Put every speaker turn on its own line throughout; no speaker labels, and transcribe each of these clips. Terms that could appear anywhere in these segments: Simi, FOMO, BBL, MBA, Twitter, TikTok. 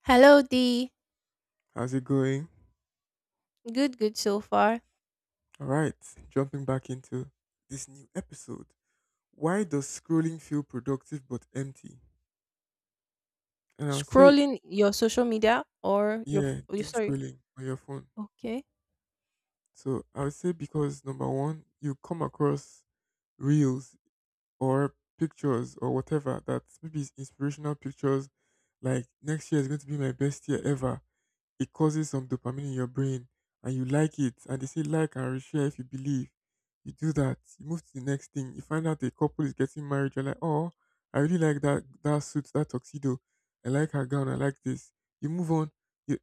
Hello, D.
How's it going?
Good, good so far.
All right, jumping back into this new episode. Why does scrolling feel productive but empty? And I'll say,
Scrolling your social media or your,
yeah,
f- oh,
doom
sorry.
scrolling on your phone.
Okay.
So I would say because number one, you come across reels or pictures or whatever that maybe is inspirational pictures like next year is going to be my best year ever, it causes some dopamine in your brain and you like it, and they say like and share if you believe. You do that, you move to the next thing, you find out a couple is getting married. You're like, oh, I really like that, that suit, that tuxedo. I like her gown, I like this. You move on. you,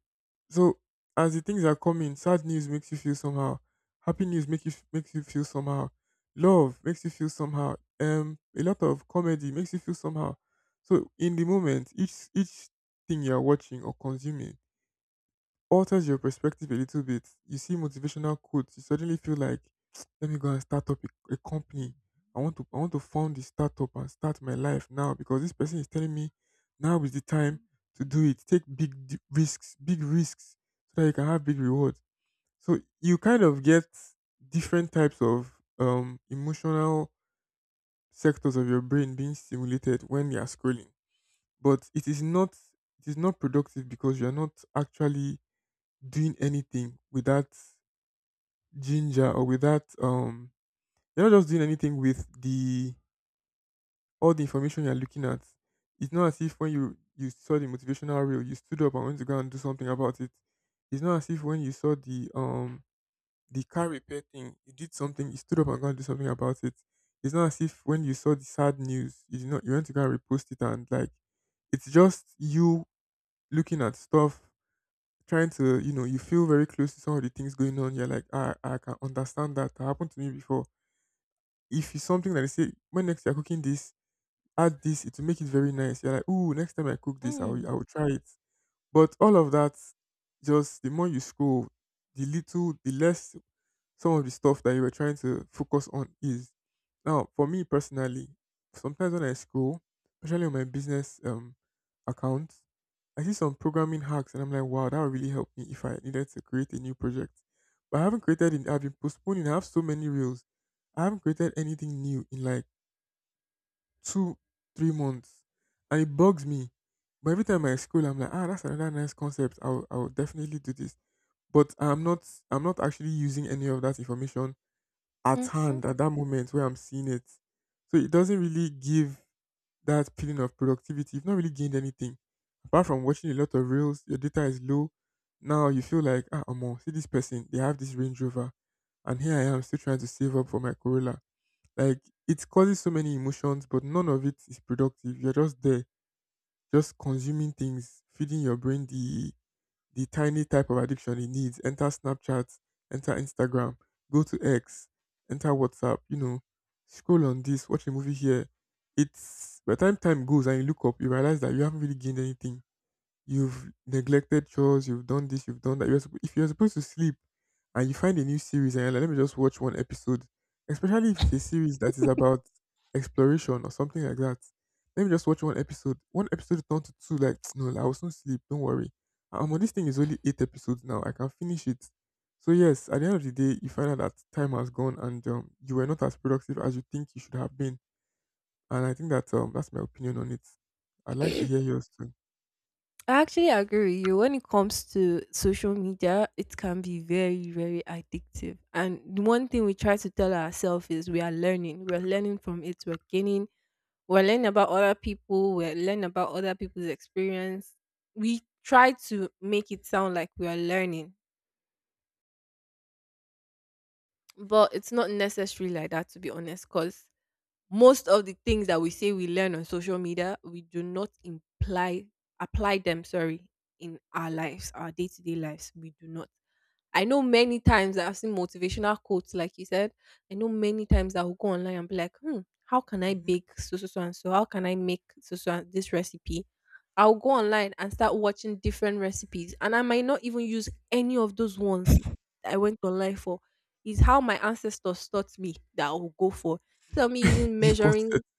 so as the things are coming, sad news makes you feel somehow, happy news makes you feel somehow, love makes you feel somehow, a lot of comedy makes you feel somehow. So in the moment, each thing you're watching or consuming alters your perspective a little bit. You see motivational quotes, you suddenly feel like, let me go and start up a company. I want to found this startup and start my life now because this person is telling me now is the time to do it. Take big risks, so that you can have big rewards. So you kind of get different types of emotional sectors of your brain being stimulated when you are scrolling. But it is not productive because you are not actually doing anything without ginger or without, you're not just doing anything with the all the information you're looking at. It's not as if when you saw the motivational reel, you stood up and went to go and do something about it. It's not as if when you saw the car repair thing, you did something, you stood up and go and do something about it. It's not as if when you saw the sad news, you did not, you went to go and repost it and like, it's just you looking at stuff, trying to, you feel very close to some of the things going on. You're like, ah, I can understand that. That happened to me before. If it's something that they say, when next you're cooking this, add this, it will make it very nice. You're like, ooh, next time I cook this, I will, I
Mm.
will try it. But all of that, just the more you scroll, the little, the less some of the stuff that you were trying to focus on is. Now, for me personally, sometimes when I scroll, especially on my business accounts, I see some programming hacks and I'm like, wow, that would really help me if I needed to create a new project. But I haven't created it, I've been postponing, I have so many reels. I haven't created anything new in like two, 3 months. And it bugs me. But every time I scroll, I'm like, ah, that's another nice concept. I'll definitely do this. But I'm not actually using any of that information at
Mm-hmm.
hand at that moment where I'm seeing it. So it doesn't really give that feeling of productivity. You've not really gained anything apart from watching a lot of reels. Your data is low. Now you feel like, ah, Amo, see this person, they have this Range Rover, and here I am still trying to save up for my Corolla. Like, it causes so many emotions, but none of it is productive. You're just there, just consuming things, feeding your brain the tiny type of addiction it needs. Enter Snapchat, enter Instagram, go to X, enter WhatsApp, you know, scroll on this, watch a movie here. It's by the time goes and you look up, you realize that you haven't really gained anything. You've neglected chores, you've done this, you've done that. If you're supposed to sleep and you find a new series and you're like, let me just watch one episode, especially if it's a series that is about exploration or something like that. Let me just watch one episode. One episode turned to two, like, no, I will soon sleep, don't worry. This thing is only eight episodes now. I can finish it. So yes, at the end of the day, you find out that time has gone and, you were not as productive as you think you should have been. And I think that, that's my opinion on it. I'd like to hear yours too.
I actually agree with you. When it comes to social media, it can be very, very addictive. And the one thing we try to tell ourselves is we are learning. We're learning from it. We're gaining. We're learning about other people. We're learning about other people's experience. We try to make it sound like we are learning. But it's not necessary like that, to be honest, because most of the things that we say we learn on social media, we do not imply apply them. Sorry, in our lives, our day to day lives, we do not. I know many times that I've seen motivational quotes, like you said. I know many times I will go online and be like, hmm, how can I
Hmm.
bake so, so, so, and so? How can I make so, so, and this recipe? I'll go online and start watching different recipes, and I might not even use any of those ones that I went online for. Is how my ancestors taught me that I will go for. Instead of me using measuring,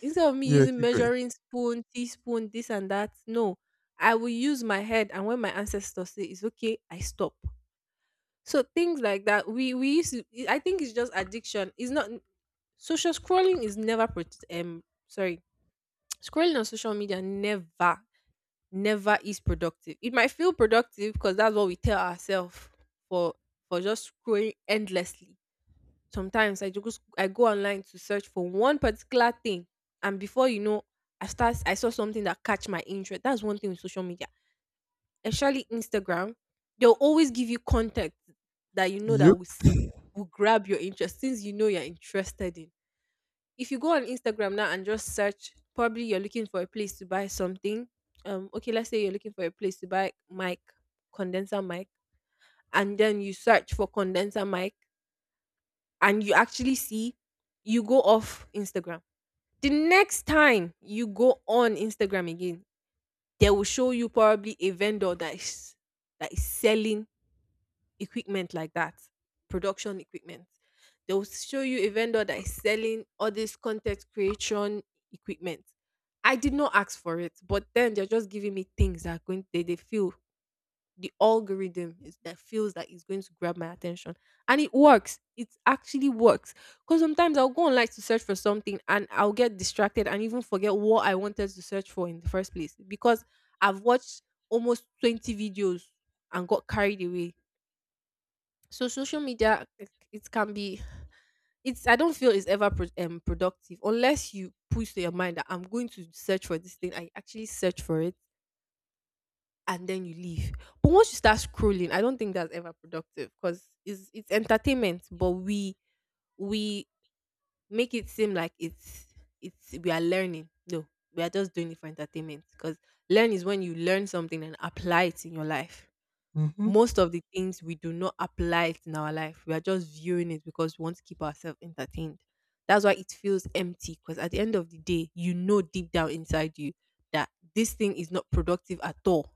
instead of me
Yeah,
using
keep going.
measuring spoon, teaspoon, this and that, no, I will use my head. And when my ancestors say it's okay, I stop. So things like that, we used to, I think it's just addiction. It's not social scrolling is never pro- sorry scrolling on social media never is productive. It might feel productive because that's what we tell ourselves for for just scrolling endlessly. Sometimes I go online to search for one particular thing, and before you know, I saw something that catch my interest. That's one thing with social media, especially Instagram, they'll always give you content that you know that
Yep.
will will grab your interest, things you know you're interested in. If you go on Instagram now and just search, probably you're looking for a place to buy something. Okay, let's say you're looking for a place to buy mic, condenser mic, and then you search for condenser mic and you actually see you go off Instagram. The next time you go on Instagram again, they will show you probably a vendor that is selling equipment like that, production equipment. They will show you a vendor that is selling all this content creation equipment. I did not ask for it, but then they're just giving me things that are going they feel the algorithm is that feels that is going to grab my attention. And it works. It actually works. Because sometimes I'll go online to search for something and I'll get distracted and even forget what I wanted to search for in the first place. Because I've watched almost 20 videos and got carried away, so social media it can be, it's I don't feel it's ever pro- productive unless you push to your mind that I'm going to search for this thing, I actually search for it and then you leave. But once you start scrolling I don't think that's ever productive, because it's entertainment, but we make it seem like it's we are learning. No, we are just doing it for entertainment, because learn is when you learn something and apply it in your life.
Mm-hmm.
Most of the things we do not apply it in our life. We are just viewing it because we want to keep ourselves entertained. That's why it feels empty, because at the end of the day, you know deep down inside you that this thing is not productive at all.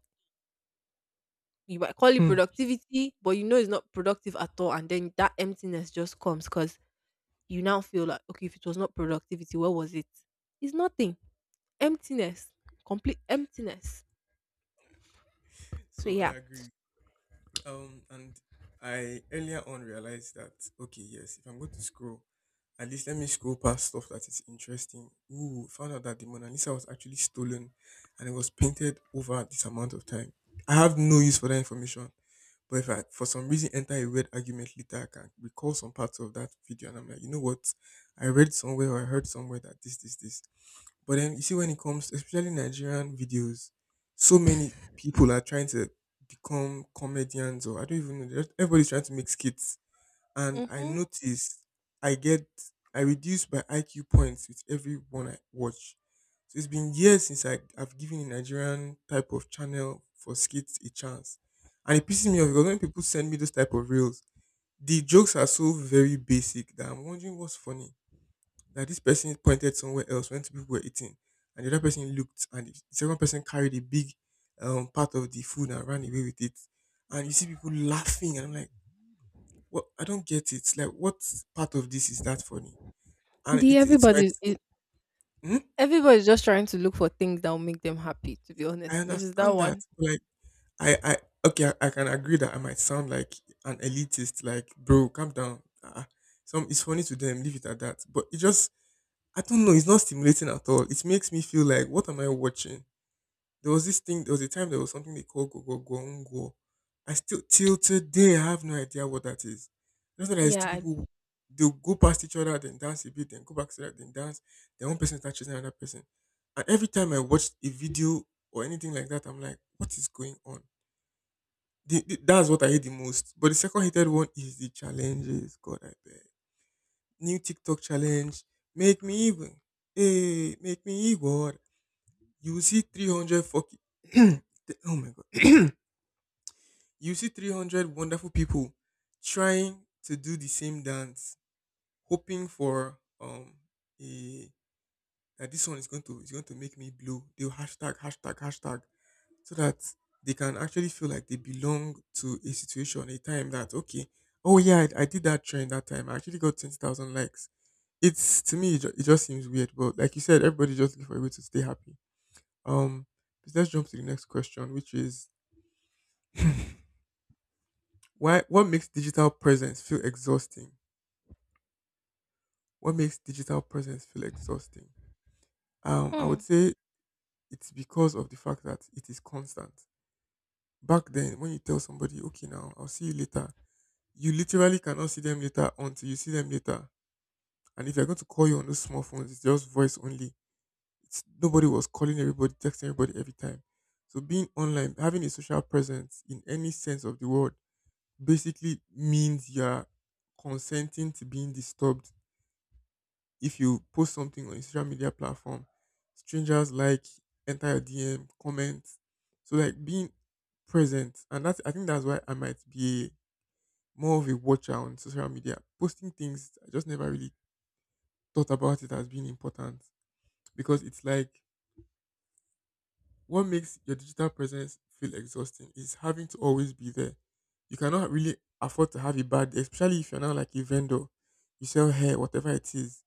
You might call it
Hmm.
productivity, but you know it's not productive at all. And then that emptiness just comes because you now feel like, okay, if it was not productivity, where was it? It's nothing. Emptiness. Complete emptiness. So
So I
yeah.
agree. And I earlier on realized that, okay, yes, if I'm going to scroll, at least let me scroll past stuff that is interesting. Ooh, found out that the Mona Lisa was actually stolen, and it was painted over this amount of time. I have no use for that information. But if I, for some reason, enter a weird argument later, I can recall some parts of that video, and I'm like, you know what? I read somewhere or I heard somewhere that this, this, this. But then you see when it comes, especially Nigerian videos, so many people are trying to become comedians or I don't even know. They're just, everybody's trying to make skits, and I
Mm-hmm.
notice I get, I reduce my IQ points with every one I watch. So it's been years since I've given a Nigerian type of channel for skits a chance, and it pisses me off because when people send me those type of reels, the jokes are so very basic that I'm wondering what's funny, that this person pointed somewhere else when two people were eating, and the other person looked, and the second person carried a big, part of the food and ran away with it. And you see people laughing, and I'm like, "What? I don't get it. Like, what part of this is that funny?" And
The
it might
everybody
seem, hmm?
Everybody's just trying to look for things that will make them happy, to be
I
honest. Which is that
understand that,
one.
but like, I okay, I can agree that I might sound like an elitist, like, bro, calm down. Some, it's funny to them, leave it at that. But it just, I don't know, it's not stimulating at all. It makes me feel like, what am I watching? There was this thing, there was a time there was something they called Gogogongwo. I still, till today, I have no idea what that is. That's why there's two
Yeah,
people, they'll go past each other, then dance a bit, then go back to that, then dance. Then one person touches another person. And every time I watch a video or anything like that, I'm like, what is going on? The, that's what I hate the most. But the second hated one is the challenges. God, I beg. New TikTok challenge. Make me evil. Hey, make me evil. You will see 300 fucking. th- oh my God. You see 300 wonderful people trying to do the same dance, hoping for, a that this one is going to make me blue. They'll hashtag hashtag hashtag so that they can actually feel like they belong to a situation, a time that, okay, oh yeah, I did that trend that time. I actually got 20,000 likes. It's, to me, it just seems weird, but like you said, everybody just looking for a way to stay happy. Um, let's jump to the next question, which is, why? What makes digital presence feel exhausting? What makes digital presence feel exhausting?
I,
I
Hmm.
would say it's because of the fact that it is constant. Back then, when you tell somebody, "Okay, now I'll see you later," you literally cannot see them later until you see them later. And if they're going to call you on those small phones, it's just voice only. Nobody was calling everybody, texting everybody every time. So being online, having a social presence in any sense of the word, basically means you're consenting to being disturbed. If you post something on a social media platform, strangers like enter your DM, comment. So like being present, and that's, I think that's why I might be more of a watcher on social media. Posting things, I just never really thought about it as being important, because it's like, what makes your digital presence feel exhausting is having to always be there. You cannot really afford to have a bad day, especially if you're now like a vendor. You sell hair, whatever it is,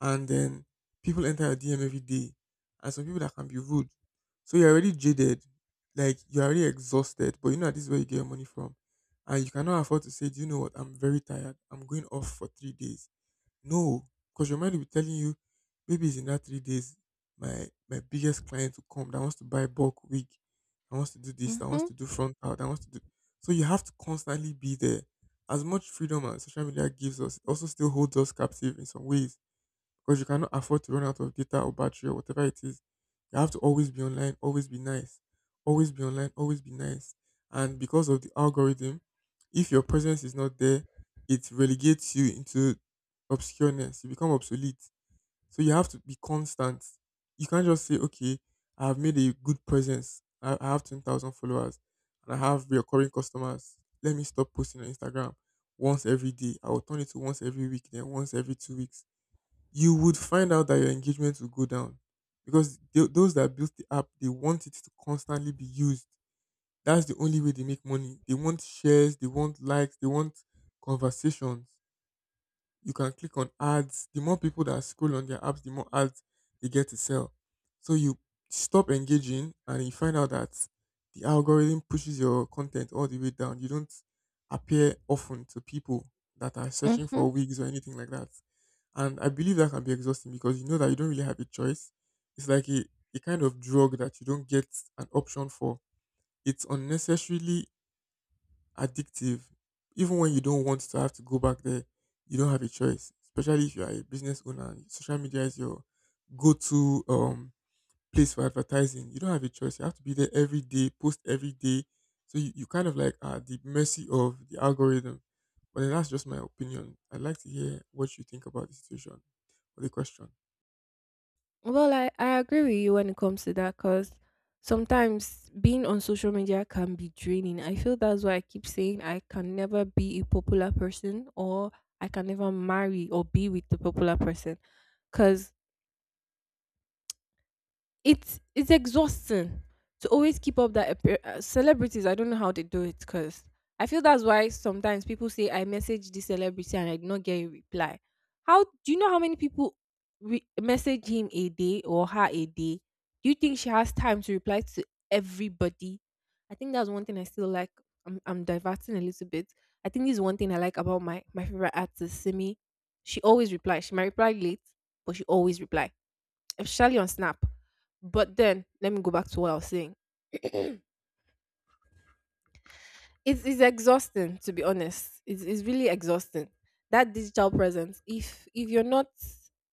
and then people enter your DM every day, and some people, that can be rude. So you're already jaded, like you're already exhausted, but you know that this is where you get your money from, and you cannot afford to say, "Do you know what? I'm very tired. I'm going off for 3 days." No, because your mind will be telling you, maybe it's in that 3 days, my biggest client will come that wants to buy bulk wig, that wants to do this, that wants
Mm-hmm.
to do frontal, that wants to do. So you have to constantly be there. As much freedom as social media gives us, it also still holds us captive in some ways because you cannot afford to run out of data or battery or whatever it is. You have to always be online, always be nice, always be online, always be nice. And because of the algorithm, if your presence is not there, it relegates you into obscureness. You become obsolete. So you have to be constant. You can't just say, okay, I have made a good presence. I have 10,000 followers and I have recurring customers. Let me stop posting on Instagram once every day. I will turn it to once every week, then once every 2 weeks. You would find out that your engagement will go down because those that built the app, they want it to constantly be used. That's the only way they make money. They want shares, they want likes, they want conversations, you can click on ads. The more people that scroll on their apps, the more ads they get to sell. So you stop engaging and you find out that the algorithm pushes your content all the way down. You don't appear often to people that are searching
Mm-hmm.
for wigs or anything like that. And I believe that can be exhausting because you know that you don't really have a choice. It's like a kind of drug that you don't get an option for. It's unnecessarily addictive. Even when you don't want to have to go back there, you don't have a choice. Especially if you are a business owner, social media is your go-to place for advertising. You don't have a choice. You have to be there every day, post every day. So you kind of like are at the mercy of the algorithm. But then that's just my opinion. I'd like to hear what you think about the situation or the question.
Well, I agree with you when it comes to that because sometimes being on social media can be draining. I feel that's why I keep saying I can never be a popular person, or I can never marry or be with the popular person, because it's exhausting to always keep up that celebrities, I don't know how they do it, because I feel that's why sometimes people say I message this celebrity and I did not get a reply. How do you know how many people message him a day or her a day? Do you think she has time to reply to everybody? I think that's one thing I still like, I'm diverting a little bit. I think this is one thing I like about my favorite artist Simi. She always replies. She might reply late, but she always reply, especially on Snap. But then let me go back to what I was saying. it's, it's exhausting, to be honest. It's really exhausting. That digital presence. If you're not,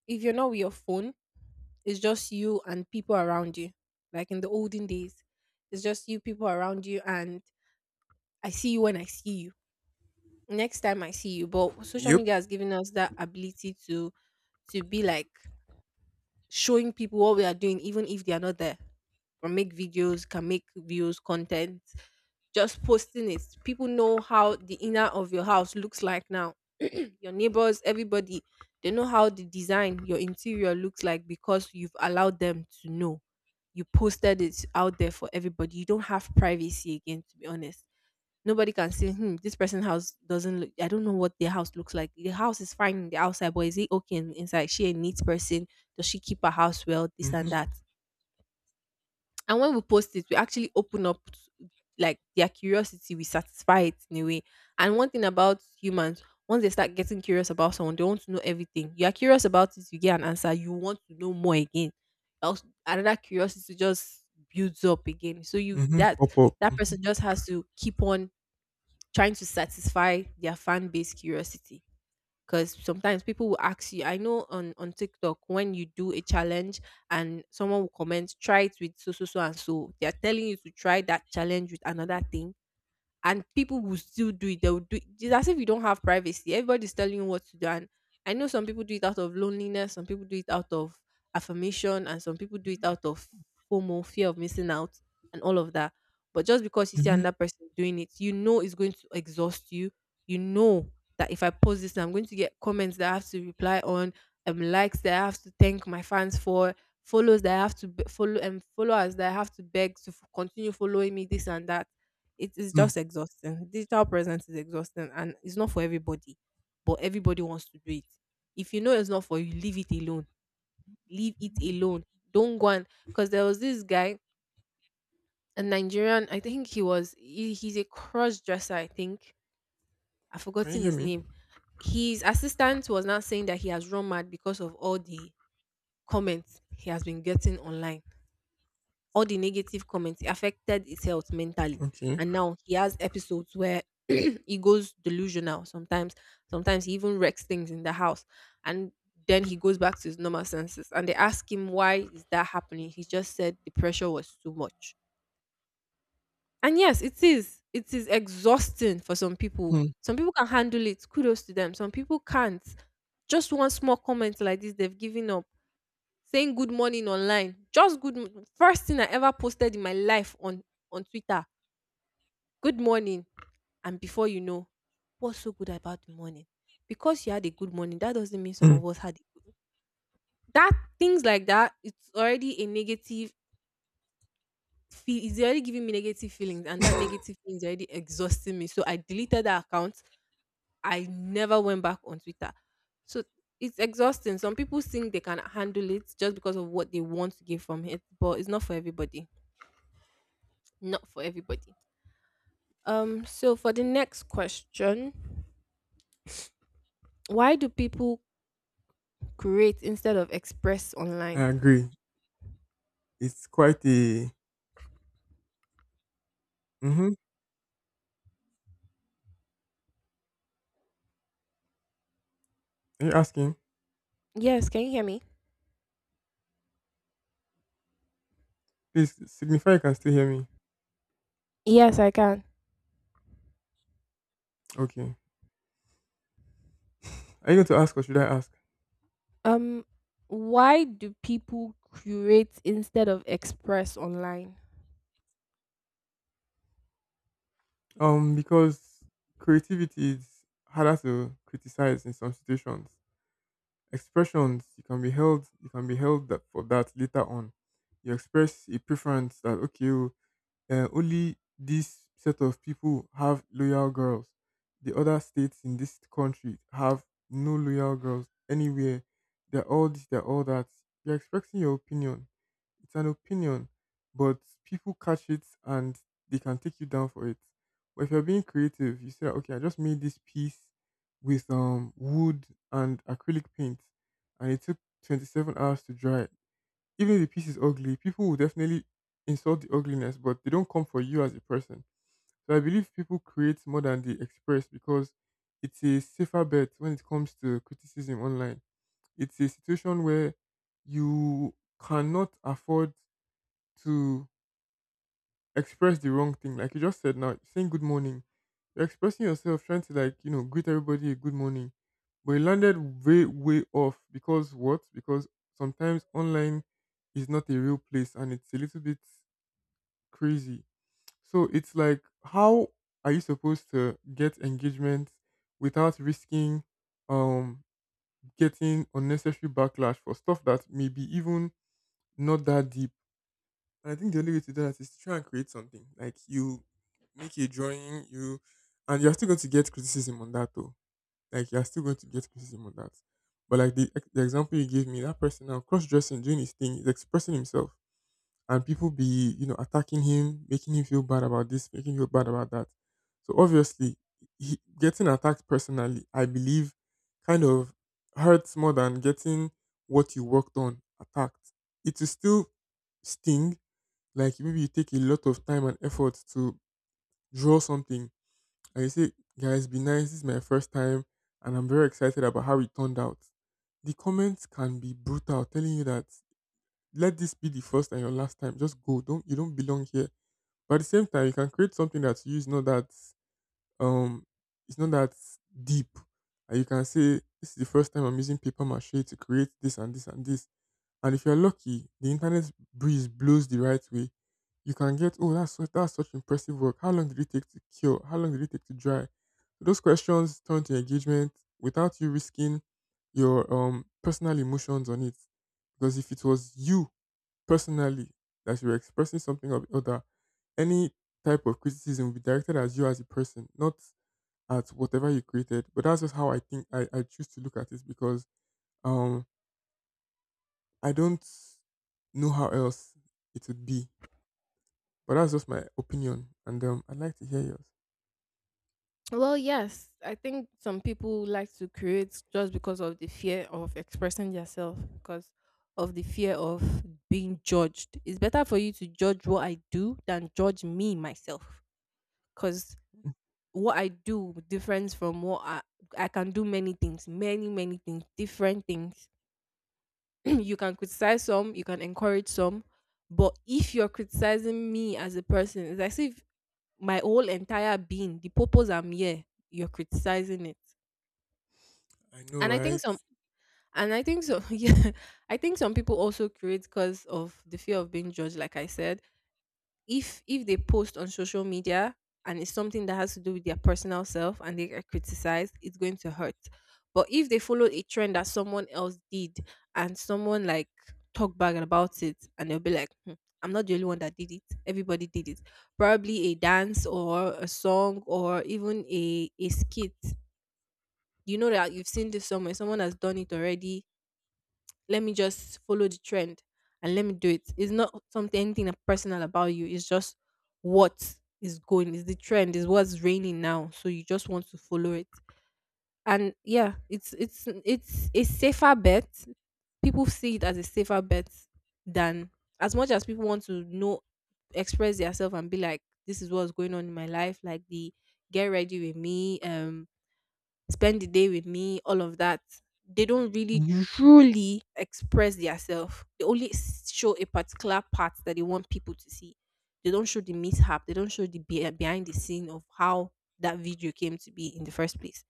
if you're not with your phone, it's just you and people around you. Like in the olden days, it's just you, people around you, and I see you when I see you. Next time I see you. But social
Yep.
media has given us that ability to be like showing people what we are doing, even if they are not there. Can make videos, can make views, content, just posting it. People know how the inner of your house looks like now. your neighbors, everybody, they know how the design, your interior looks like because you've allowed them to know. You posted it out there for everybody. You don't have privacy again, to be honest. Nobody can say, hmm, this person's house doesn't look, I don't know what their house looks like. The house is fine in the outside, but is it okay inside? She a neat person. Does she keep her house well? This and
Mm-hmm.
that. And when we post it, we actually open up like their curiosity, we satisfy it in a way. And one thing about humans, once they start getting curious about someone, they want to know everything. You are curious about it, you get an answer, you want to know more again. Else, another curiosity just builds up again. So you
Mm-hmm.
that
Pop up.
that person just has to keep on trying to satisfy their fan base curiosity, because sometimes people will ask you. I know on TikTok, when you do a challenge and someone will comment, try it with so so so and so, they're telling you to try that challenge with another thing, and people will still do it. They will do it. It's as if you don't have privacy. Everybody's telling you what to do. And I know some people do it out of loneliness, some people do it out of affirmation, and some people do it out of FOMO, fear of missing out, and all of that. But just because you see
Mm-hmm.
another person doing it, you know it's going to exhaust you. You know that if I post this, I'm going to get comments that I have to reply on, likes that I have to thank my fans for, follows that I have to follow, and followers that I have to beg to continue following me, this and that. It is
Mm.
just exhausting. Digital presence is exhausting and it's not for everybody, but everybody wants to do it. If you know it's not for you, leave it alone. Leave it alone. Don't go on. Because there was this guy, a Nigerian, I think he was he's a cross dresser, I think. I've
Can you
forgotten
hear
his
me?
name. His assistant was now saying that he has run mad because of all the comments he has been getting online, all the negative comments. It affected his health mentally.
Okay.
And now he has episodes where he goes delusional sometimes. Sometimes he even wrecks things in the house. And then he goes back to his normal senses. And they ask him, why is that happening? He just said the pressure was too much. And yes, it is. It is exhausting for some people.
Hmm.
Some people can handle it. Kudos to them. Some people can't. Just one small comment like this, they've given up saying good morning online. Just first thing I ever posted in my life on Twitter. Good morning, and before you know, what's so good about the morning? Because you had a good morning, that doesn't mean some
Hmm.
of us had. That things like that, it's already a negative. It's already giving me negative feelings, and that negative feeling is already exhausting me. So I deleted that account. I never went back on Twitter. So it's exhausting. Some people think they can handle it just because of what they want to get from it, but it's not for everybody. Not for everybody. So for the next question, why do people create instead of express
I
online?
agree. It's quite a. Mhm. Are you asking?
Yes, can you hear me?
Please signify you can still hear me.
Yes, I can.
Okay. Are you going to ask or should I ask?
Um, why do people curate instead of express online?
Because creativity is harder to criticize in some situations. Expressions you can be held, you can be held that for that later on. You express a preference that okay, oh, only this set of people have loyal girls. The other states in this country have no loyal girls anywhere. They're all this, they're all that. You're expressing your opinion. It's an opinion, but people catch it and they can take you down for it. But if you're being creative, you say, okay, I just made this piece with wood and acrylic paint, and it took 27 hours to dry. Even if the piece is ugly, people will definitely insult the ugliness, but they don't come for you as a person. So I believe people create more than they express because it's a safer bet when it comes to criticism online. It's a situation where you cannot afford to express the wrong thing. Like you just said now, saying good morning. You're expressing yourself, trying to, like, you know, greet everybody a good morning. But it landed way, way off because what? Because sometimes online is not a real place and it's a little bit crazy. So it's like, how are you supposed to get engagement without risking um getting unnecessary backlash for stuff that maybe even not that deep? And I think the only way to do that is to try and create something. Like you make a drawing, you and you're still going to get criticism on that though. Like you're still going to get criticism on that. But like the example you gave me, that person now cross dressing, doing his thing, is expressing himself. And people be, you know, attacking him, making him feel bad about this, making him feel bad about that. So obviously, he, getting attacked personally, I believe, kind of hurts more than getting what you worked on attacked. It will still sting, like maybe you take a lot of time and effort to draw something and you say, guys, be nice, this is my first time and I'm very excited about how it turned out. The comments can be brutal, telling you that let this be the first and your last time. Just go. Don't You don't belong here. But at the same time, you can create something that's used, not that um, it's not that deep. And you can say, this is the first time I'm using paper mache to create this and this and this. And if you're lucky, the internet breeze blows the right way. You can get, oh, that's such impressive work. How long did it take to cure? How long did it take to dry? So those questions turn to engagement without you risking your personal emotions on it. Because if it was you personally that you were expressing something or the other, any type of criticism would be directed as you as a person, not at whatever you created. But that's just how I think I choose to look at it because um I don't know how else it would be. But that's just my opinion. And I'd like to hear yours.
Well, yes, I think some people like to create just because of the fear of expressing themselves, because of the fear of being judged. It's better for you to judge what I do than judge me myself, because what I do differs from what I can do many things, many things, different things. You can criticize some, you can encourage some, but if you're criticizing me as a person, it's as if my whole entire being, the purpose I'm here, you're criticizing it.
I know,
And I think
right?
some and I think so, yeah, I think some people also create because of the fear of being judged, like I said. If they post on social media and it's something that has to do with their personal self and they get criticized, it's going to hurt. But if they follow a trend that someone else did and someone like talk back about it, and they'll be like, "Hmm, I'm not the only one that did it. Everybody did it. Probably a dance or a song or even a skit, you know, that you've seen this somewhere, someone has done it already, let me just follow the trend and let me do it." It's not something anything personal about you. It's just what is going. Is the trend. Is what's raining now. So you just want to follow it. And yeah, it's a safer bet. People see it as a safer bet than as much as people want to know, express themselves and be like, this is what's going on in my life. Like the get ready with me. Spend the day with me, all of that. They don't really
Mm-hmm.
truly express themselves. They only show a particular part that they want people to see. They don't show the mishap. They don't show the behind the scene of how that video came to be in the first place.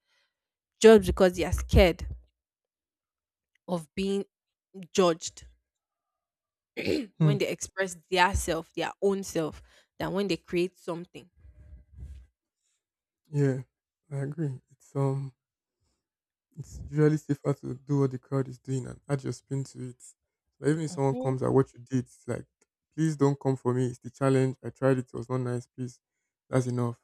Just because they are scared of being judged
Hmm.
when they express their self, their own self, than when they create something.
Yeah, I agree. It's it's usually safer to do what the crowd is doing and add your spin to it. So even if someone
Mm-hmm.
comes at what you did, it's like, please don't come for me. It's the challenge. I tried it. It was not nice. Please. That's enough.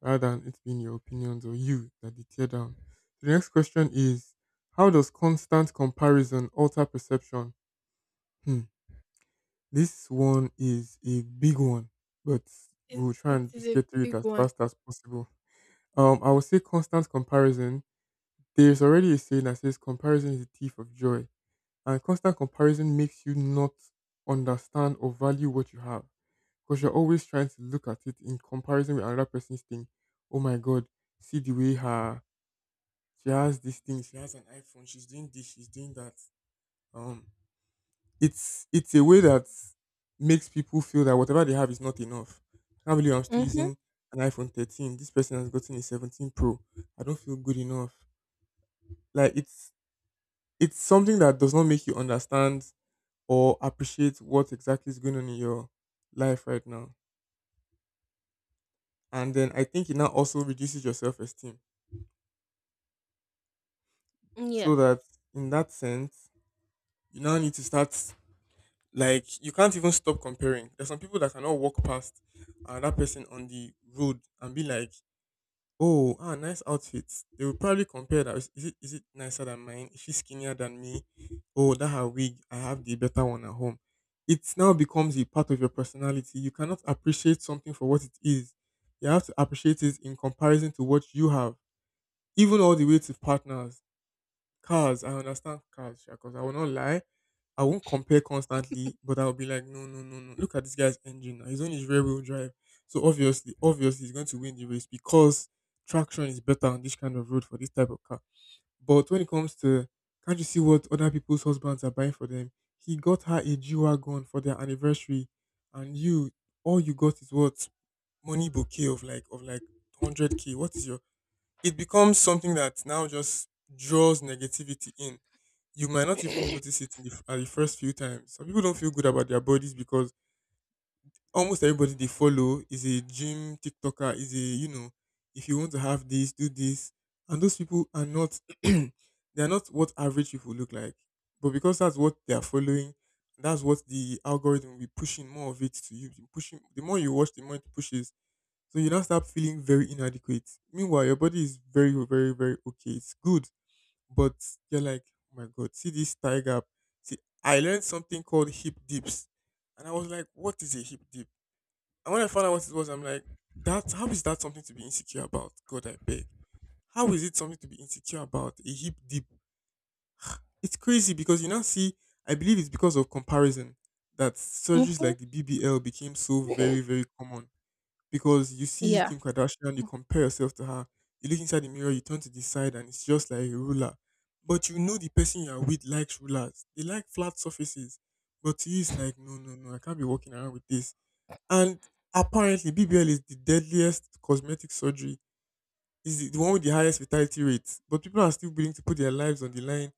Rather than it being your opinions or you that they tear down. So the next question is, how does constant comparison alter perception? Hmm. This one is a big one, but
It,
we'll try
it
and
is
just
a
get through it
big
as
one.
fast as possible. I would say constant comparison, there's already a saying that says comparison is the thief of joy. And constant comparison makes you not understand or value what you have. Because you're always trying to look at it in comparison with another person's thing. Oh my god, see the way her, she has this thing, she has an iPhone, she's doing this, she's doing that. Um it's a way that makes people feel that whatever they have is not enough. I can't believe I'm still
Mm-hmm.
using an iPhone 13. This person has gotten a 17 Pro. I don't feel good enough. Like it's something that does not make you understand or appreciate what exactly is going on in your life right now. And then I think it now also reduces your self esteem. So
Yes.
that in that sense, you now need to start, like you can't even stop comparing. There's some people that cannot walk past another person on the road and be like, oh, ah, nice outfit. They will probably compare that. Is it nicer than mine? Is she skinnier than me? Oh, that her wig. I have the better one at home. It now becomes a part of your personality. You cannot appreciate something for what it is. You have to appreciate it in comparison to what you have, even all the way to partners. Cars, I understand cars, because I will not lie. I won't compare constantly, but I'll be like, no, no, no, no. Look at this guy's engine now. He's on his rear wheel drive. So obviously, he's going to win the race because traction is better on this kind of road for this type of car. But when it comes to, can't you see what other people's husbands are buying for them? He got her a G Wagon for their anniversary and you, all you got is what? Money bouquet of hundred K. What is your, it becomes something that now just draws negativity in. You might not even notice it in at the first few times. Some people don't feel good about their bodies because almost everybody they follow is a gym TikToker, is a, you know, if you want to have this, do this. And those people are not, they are not what average people look like. But because that's what they are following, that's what the algorithm will be pushing more of it to you. Pushing, the more you watch, the more it pushes, so you now start feeling very inadequate. Meanwhile, your body is very, very, very okay. It's good. But you're like, oh my God, see this thigh gap. See, I learned something called hip dips. And I was like, what is a hip dip? And when I found out what it was, I'm like, that how is that something to be insecure about? God, I beg. How is it something to be insecure about? A hip dip. It's crazy because you now see, I believe it's because of comparison that surgeries
Mm-hmm.
like the BBL became so very, very common because you see
Yeah.
Kim Kardashian, you compare yourself to her, you look inside the mirror, you turn to the side, and it's just like a ruler. But you know the person you are with likes rulers. They like flat surfaces. But to you, it's like, no, no, no, I can't be walking around with this. And apparently, BBL is the deadliest cosmetic surgery. Is the one with the highest fatality rates. But people are still willing to put their lives on the line.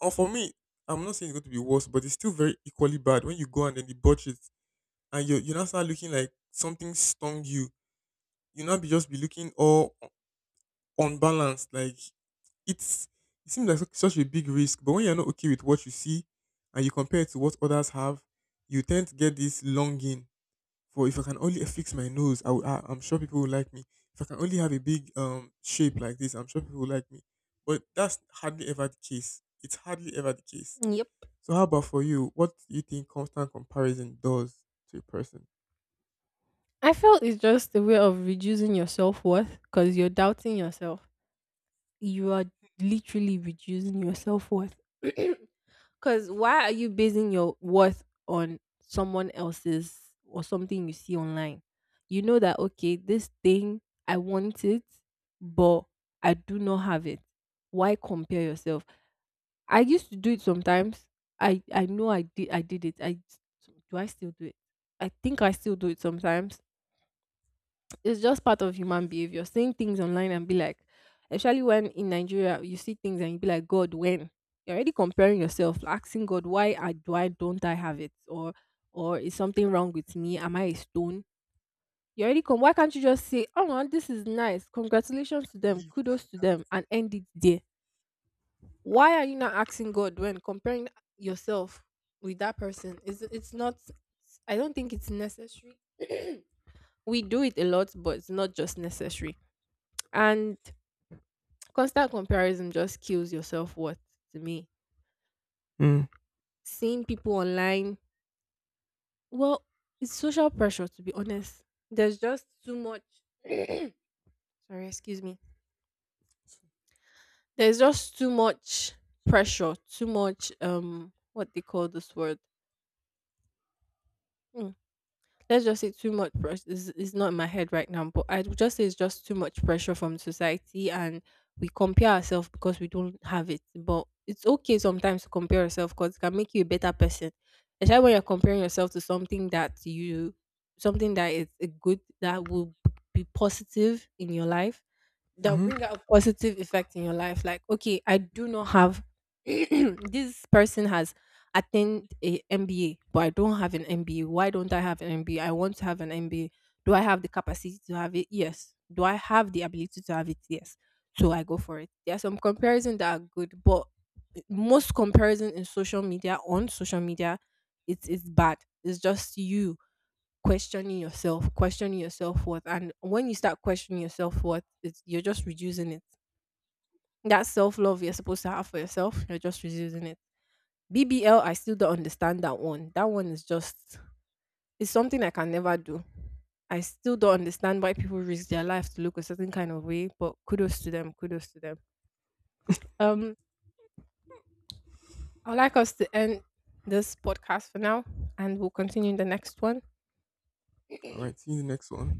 Or for me, I'm not saying it's going to be worse, but it's still very equally bad when you go and then they botch it, and you now start looking like something stung you, you not be just be looking all unbalanced. Like it's, it seems like such a big risk. But when you're not okay with what you see and you compare it to what others have, you tend to get this longing for, if I can only fix my nose, I will, I'm sure people will like me. If I can only have a big shape like this, I'm sure people will like me. But that's hardly ever the case. It's hardly ever the case.
Yep.
So how about for you? What do you think constant comparison does to a person?
I felt it's just a way of reducing your self worth because you're doubting yourself. You are literally reducing your self worth. Because why are you basing your worth on someone else's or something you see online? You know that, okay, this thing, I want it, but I do not have it. Why compare yourself? I used to do it sometimes. I know I did it. I do I still do it? I think I still do it sometimes. It's just part of human behavior. Seeing things online and be like, especially when in Nigeria you see things and you be like, God, when you're already comparing yourself, asking God, why I do I don't I have it, or is something wrong with me? Am I a stone? You already come. Why can't you just say, oh no, this is nice. Congratulations to them.
Leave it at
Kudos to
that.
them, and end it there. Why are you not asking God when comparing yourself with that person? It's not. I don't think it's necessary. We do it a lot, but it's not just necessary, and constant comparison just kills your self worth, to me.
Mm.
Seeing people online, well, it's social pressure, to be honest. There's just too much. Sorry, excuse me. There's just too much pressure, too much what they call this word. Hmm. Let's just say too much pressure, is not in my head right now, but I would just say it's just too much pressure from society, and we compare ourselves because we don't have it. But it's okay sometimes to compare yourself because it can make you a better person. Especially when you're comparing yourself to something that you, something that is a good that will be positive in your life, that will
Mm-hmm.
bring out a positive effect in your life. Like, okay, I do not have this person has attained a MBA, but I don't have an MBA. Why don't I have an MBA? I want to have an MBA. Do I have the capacity to have it? Yes. Do I have the ability to have it? Yes. So I go for it. There are some comparisons that are good, but most comparison in social media, on social media, it's bad. It's just you questioning yourself, questioning your self worth. And when you start questioning your self worth, it's you're just reducing it. That self love you're supposed to have for yourself, you're just reducing it. BBL, I still don't understand that one. That one is just, it's something I can never do. I still don't understand why people risk their life to look a certain kind of way, but kudos to them, kudos to them. Um, I'd like us to end this podcast for now and we'll continue in the next one.
All right. See you in the next one.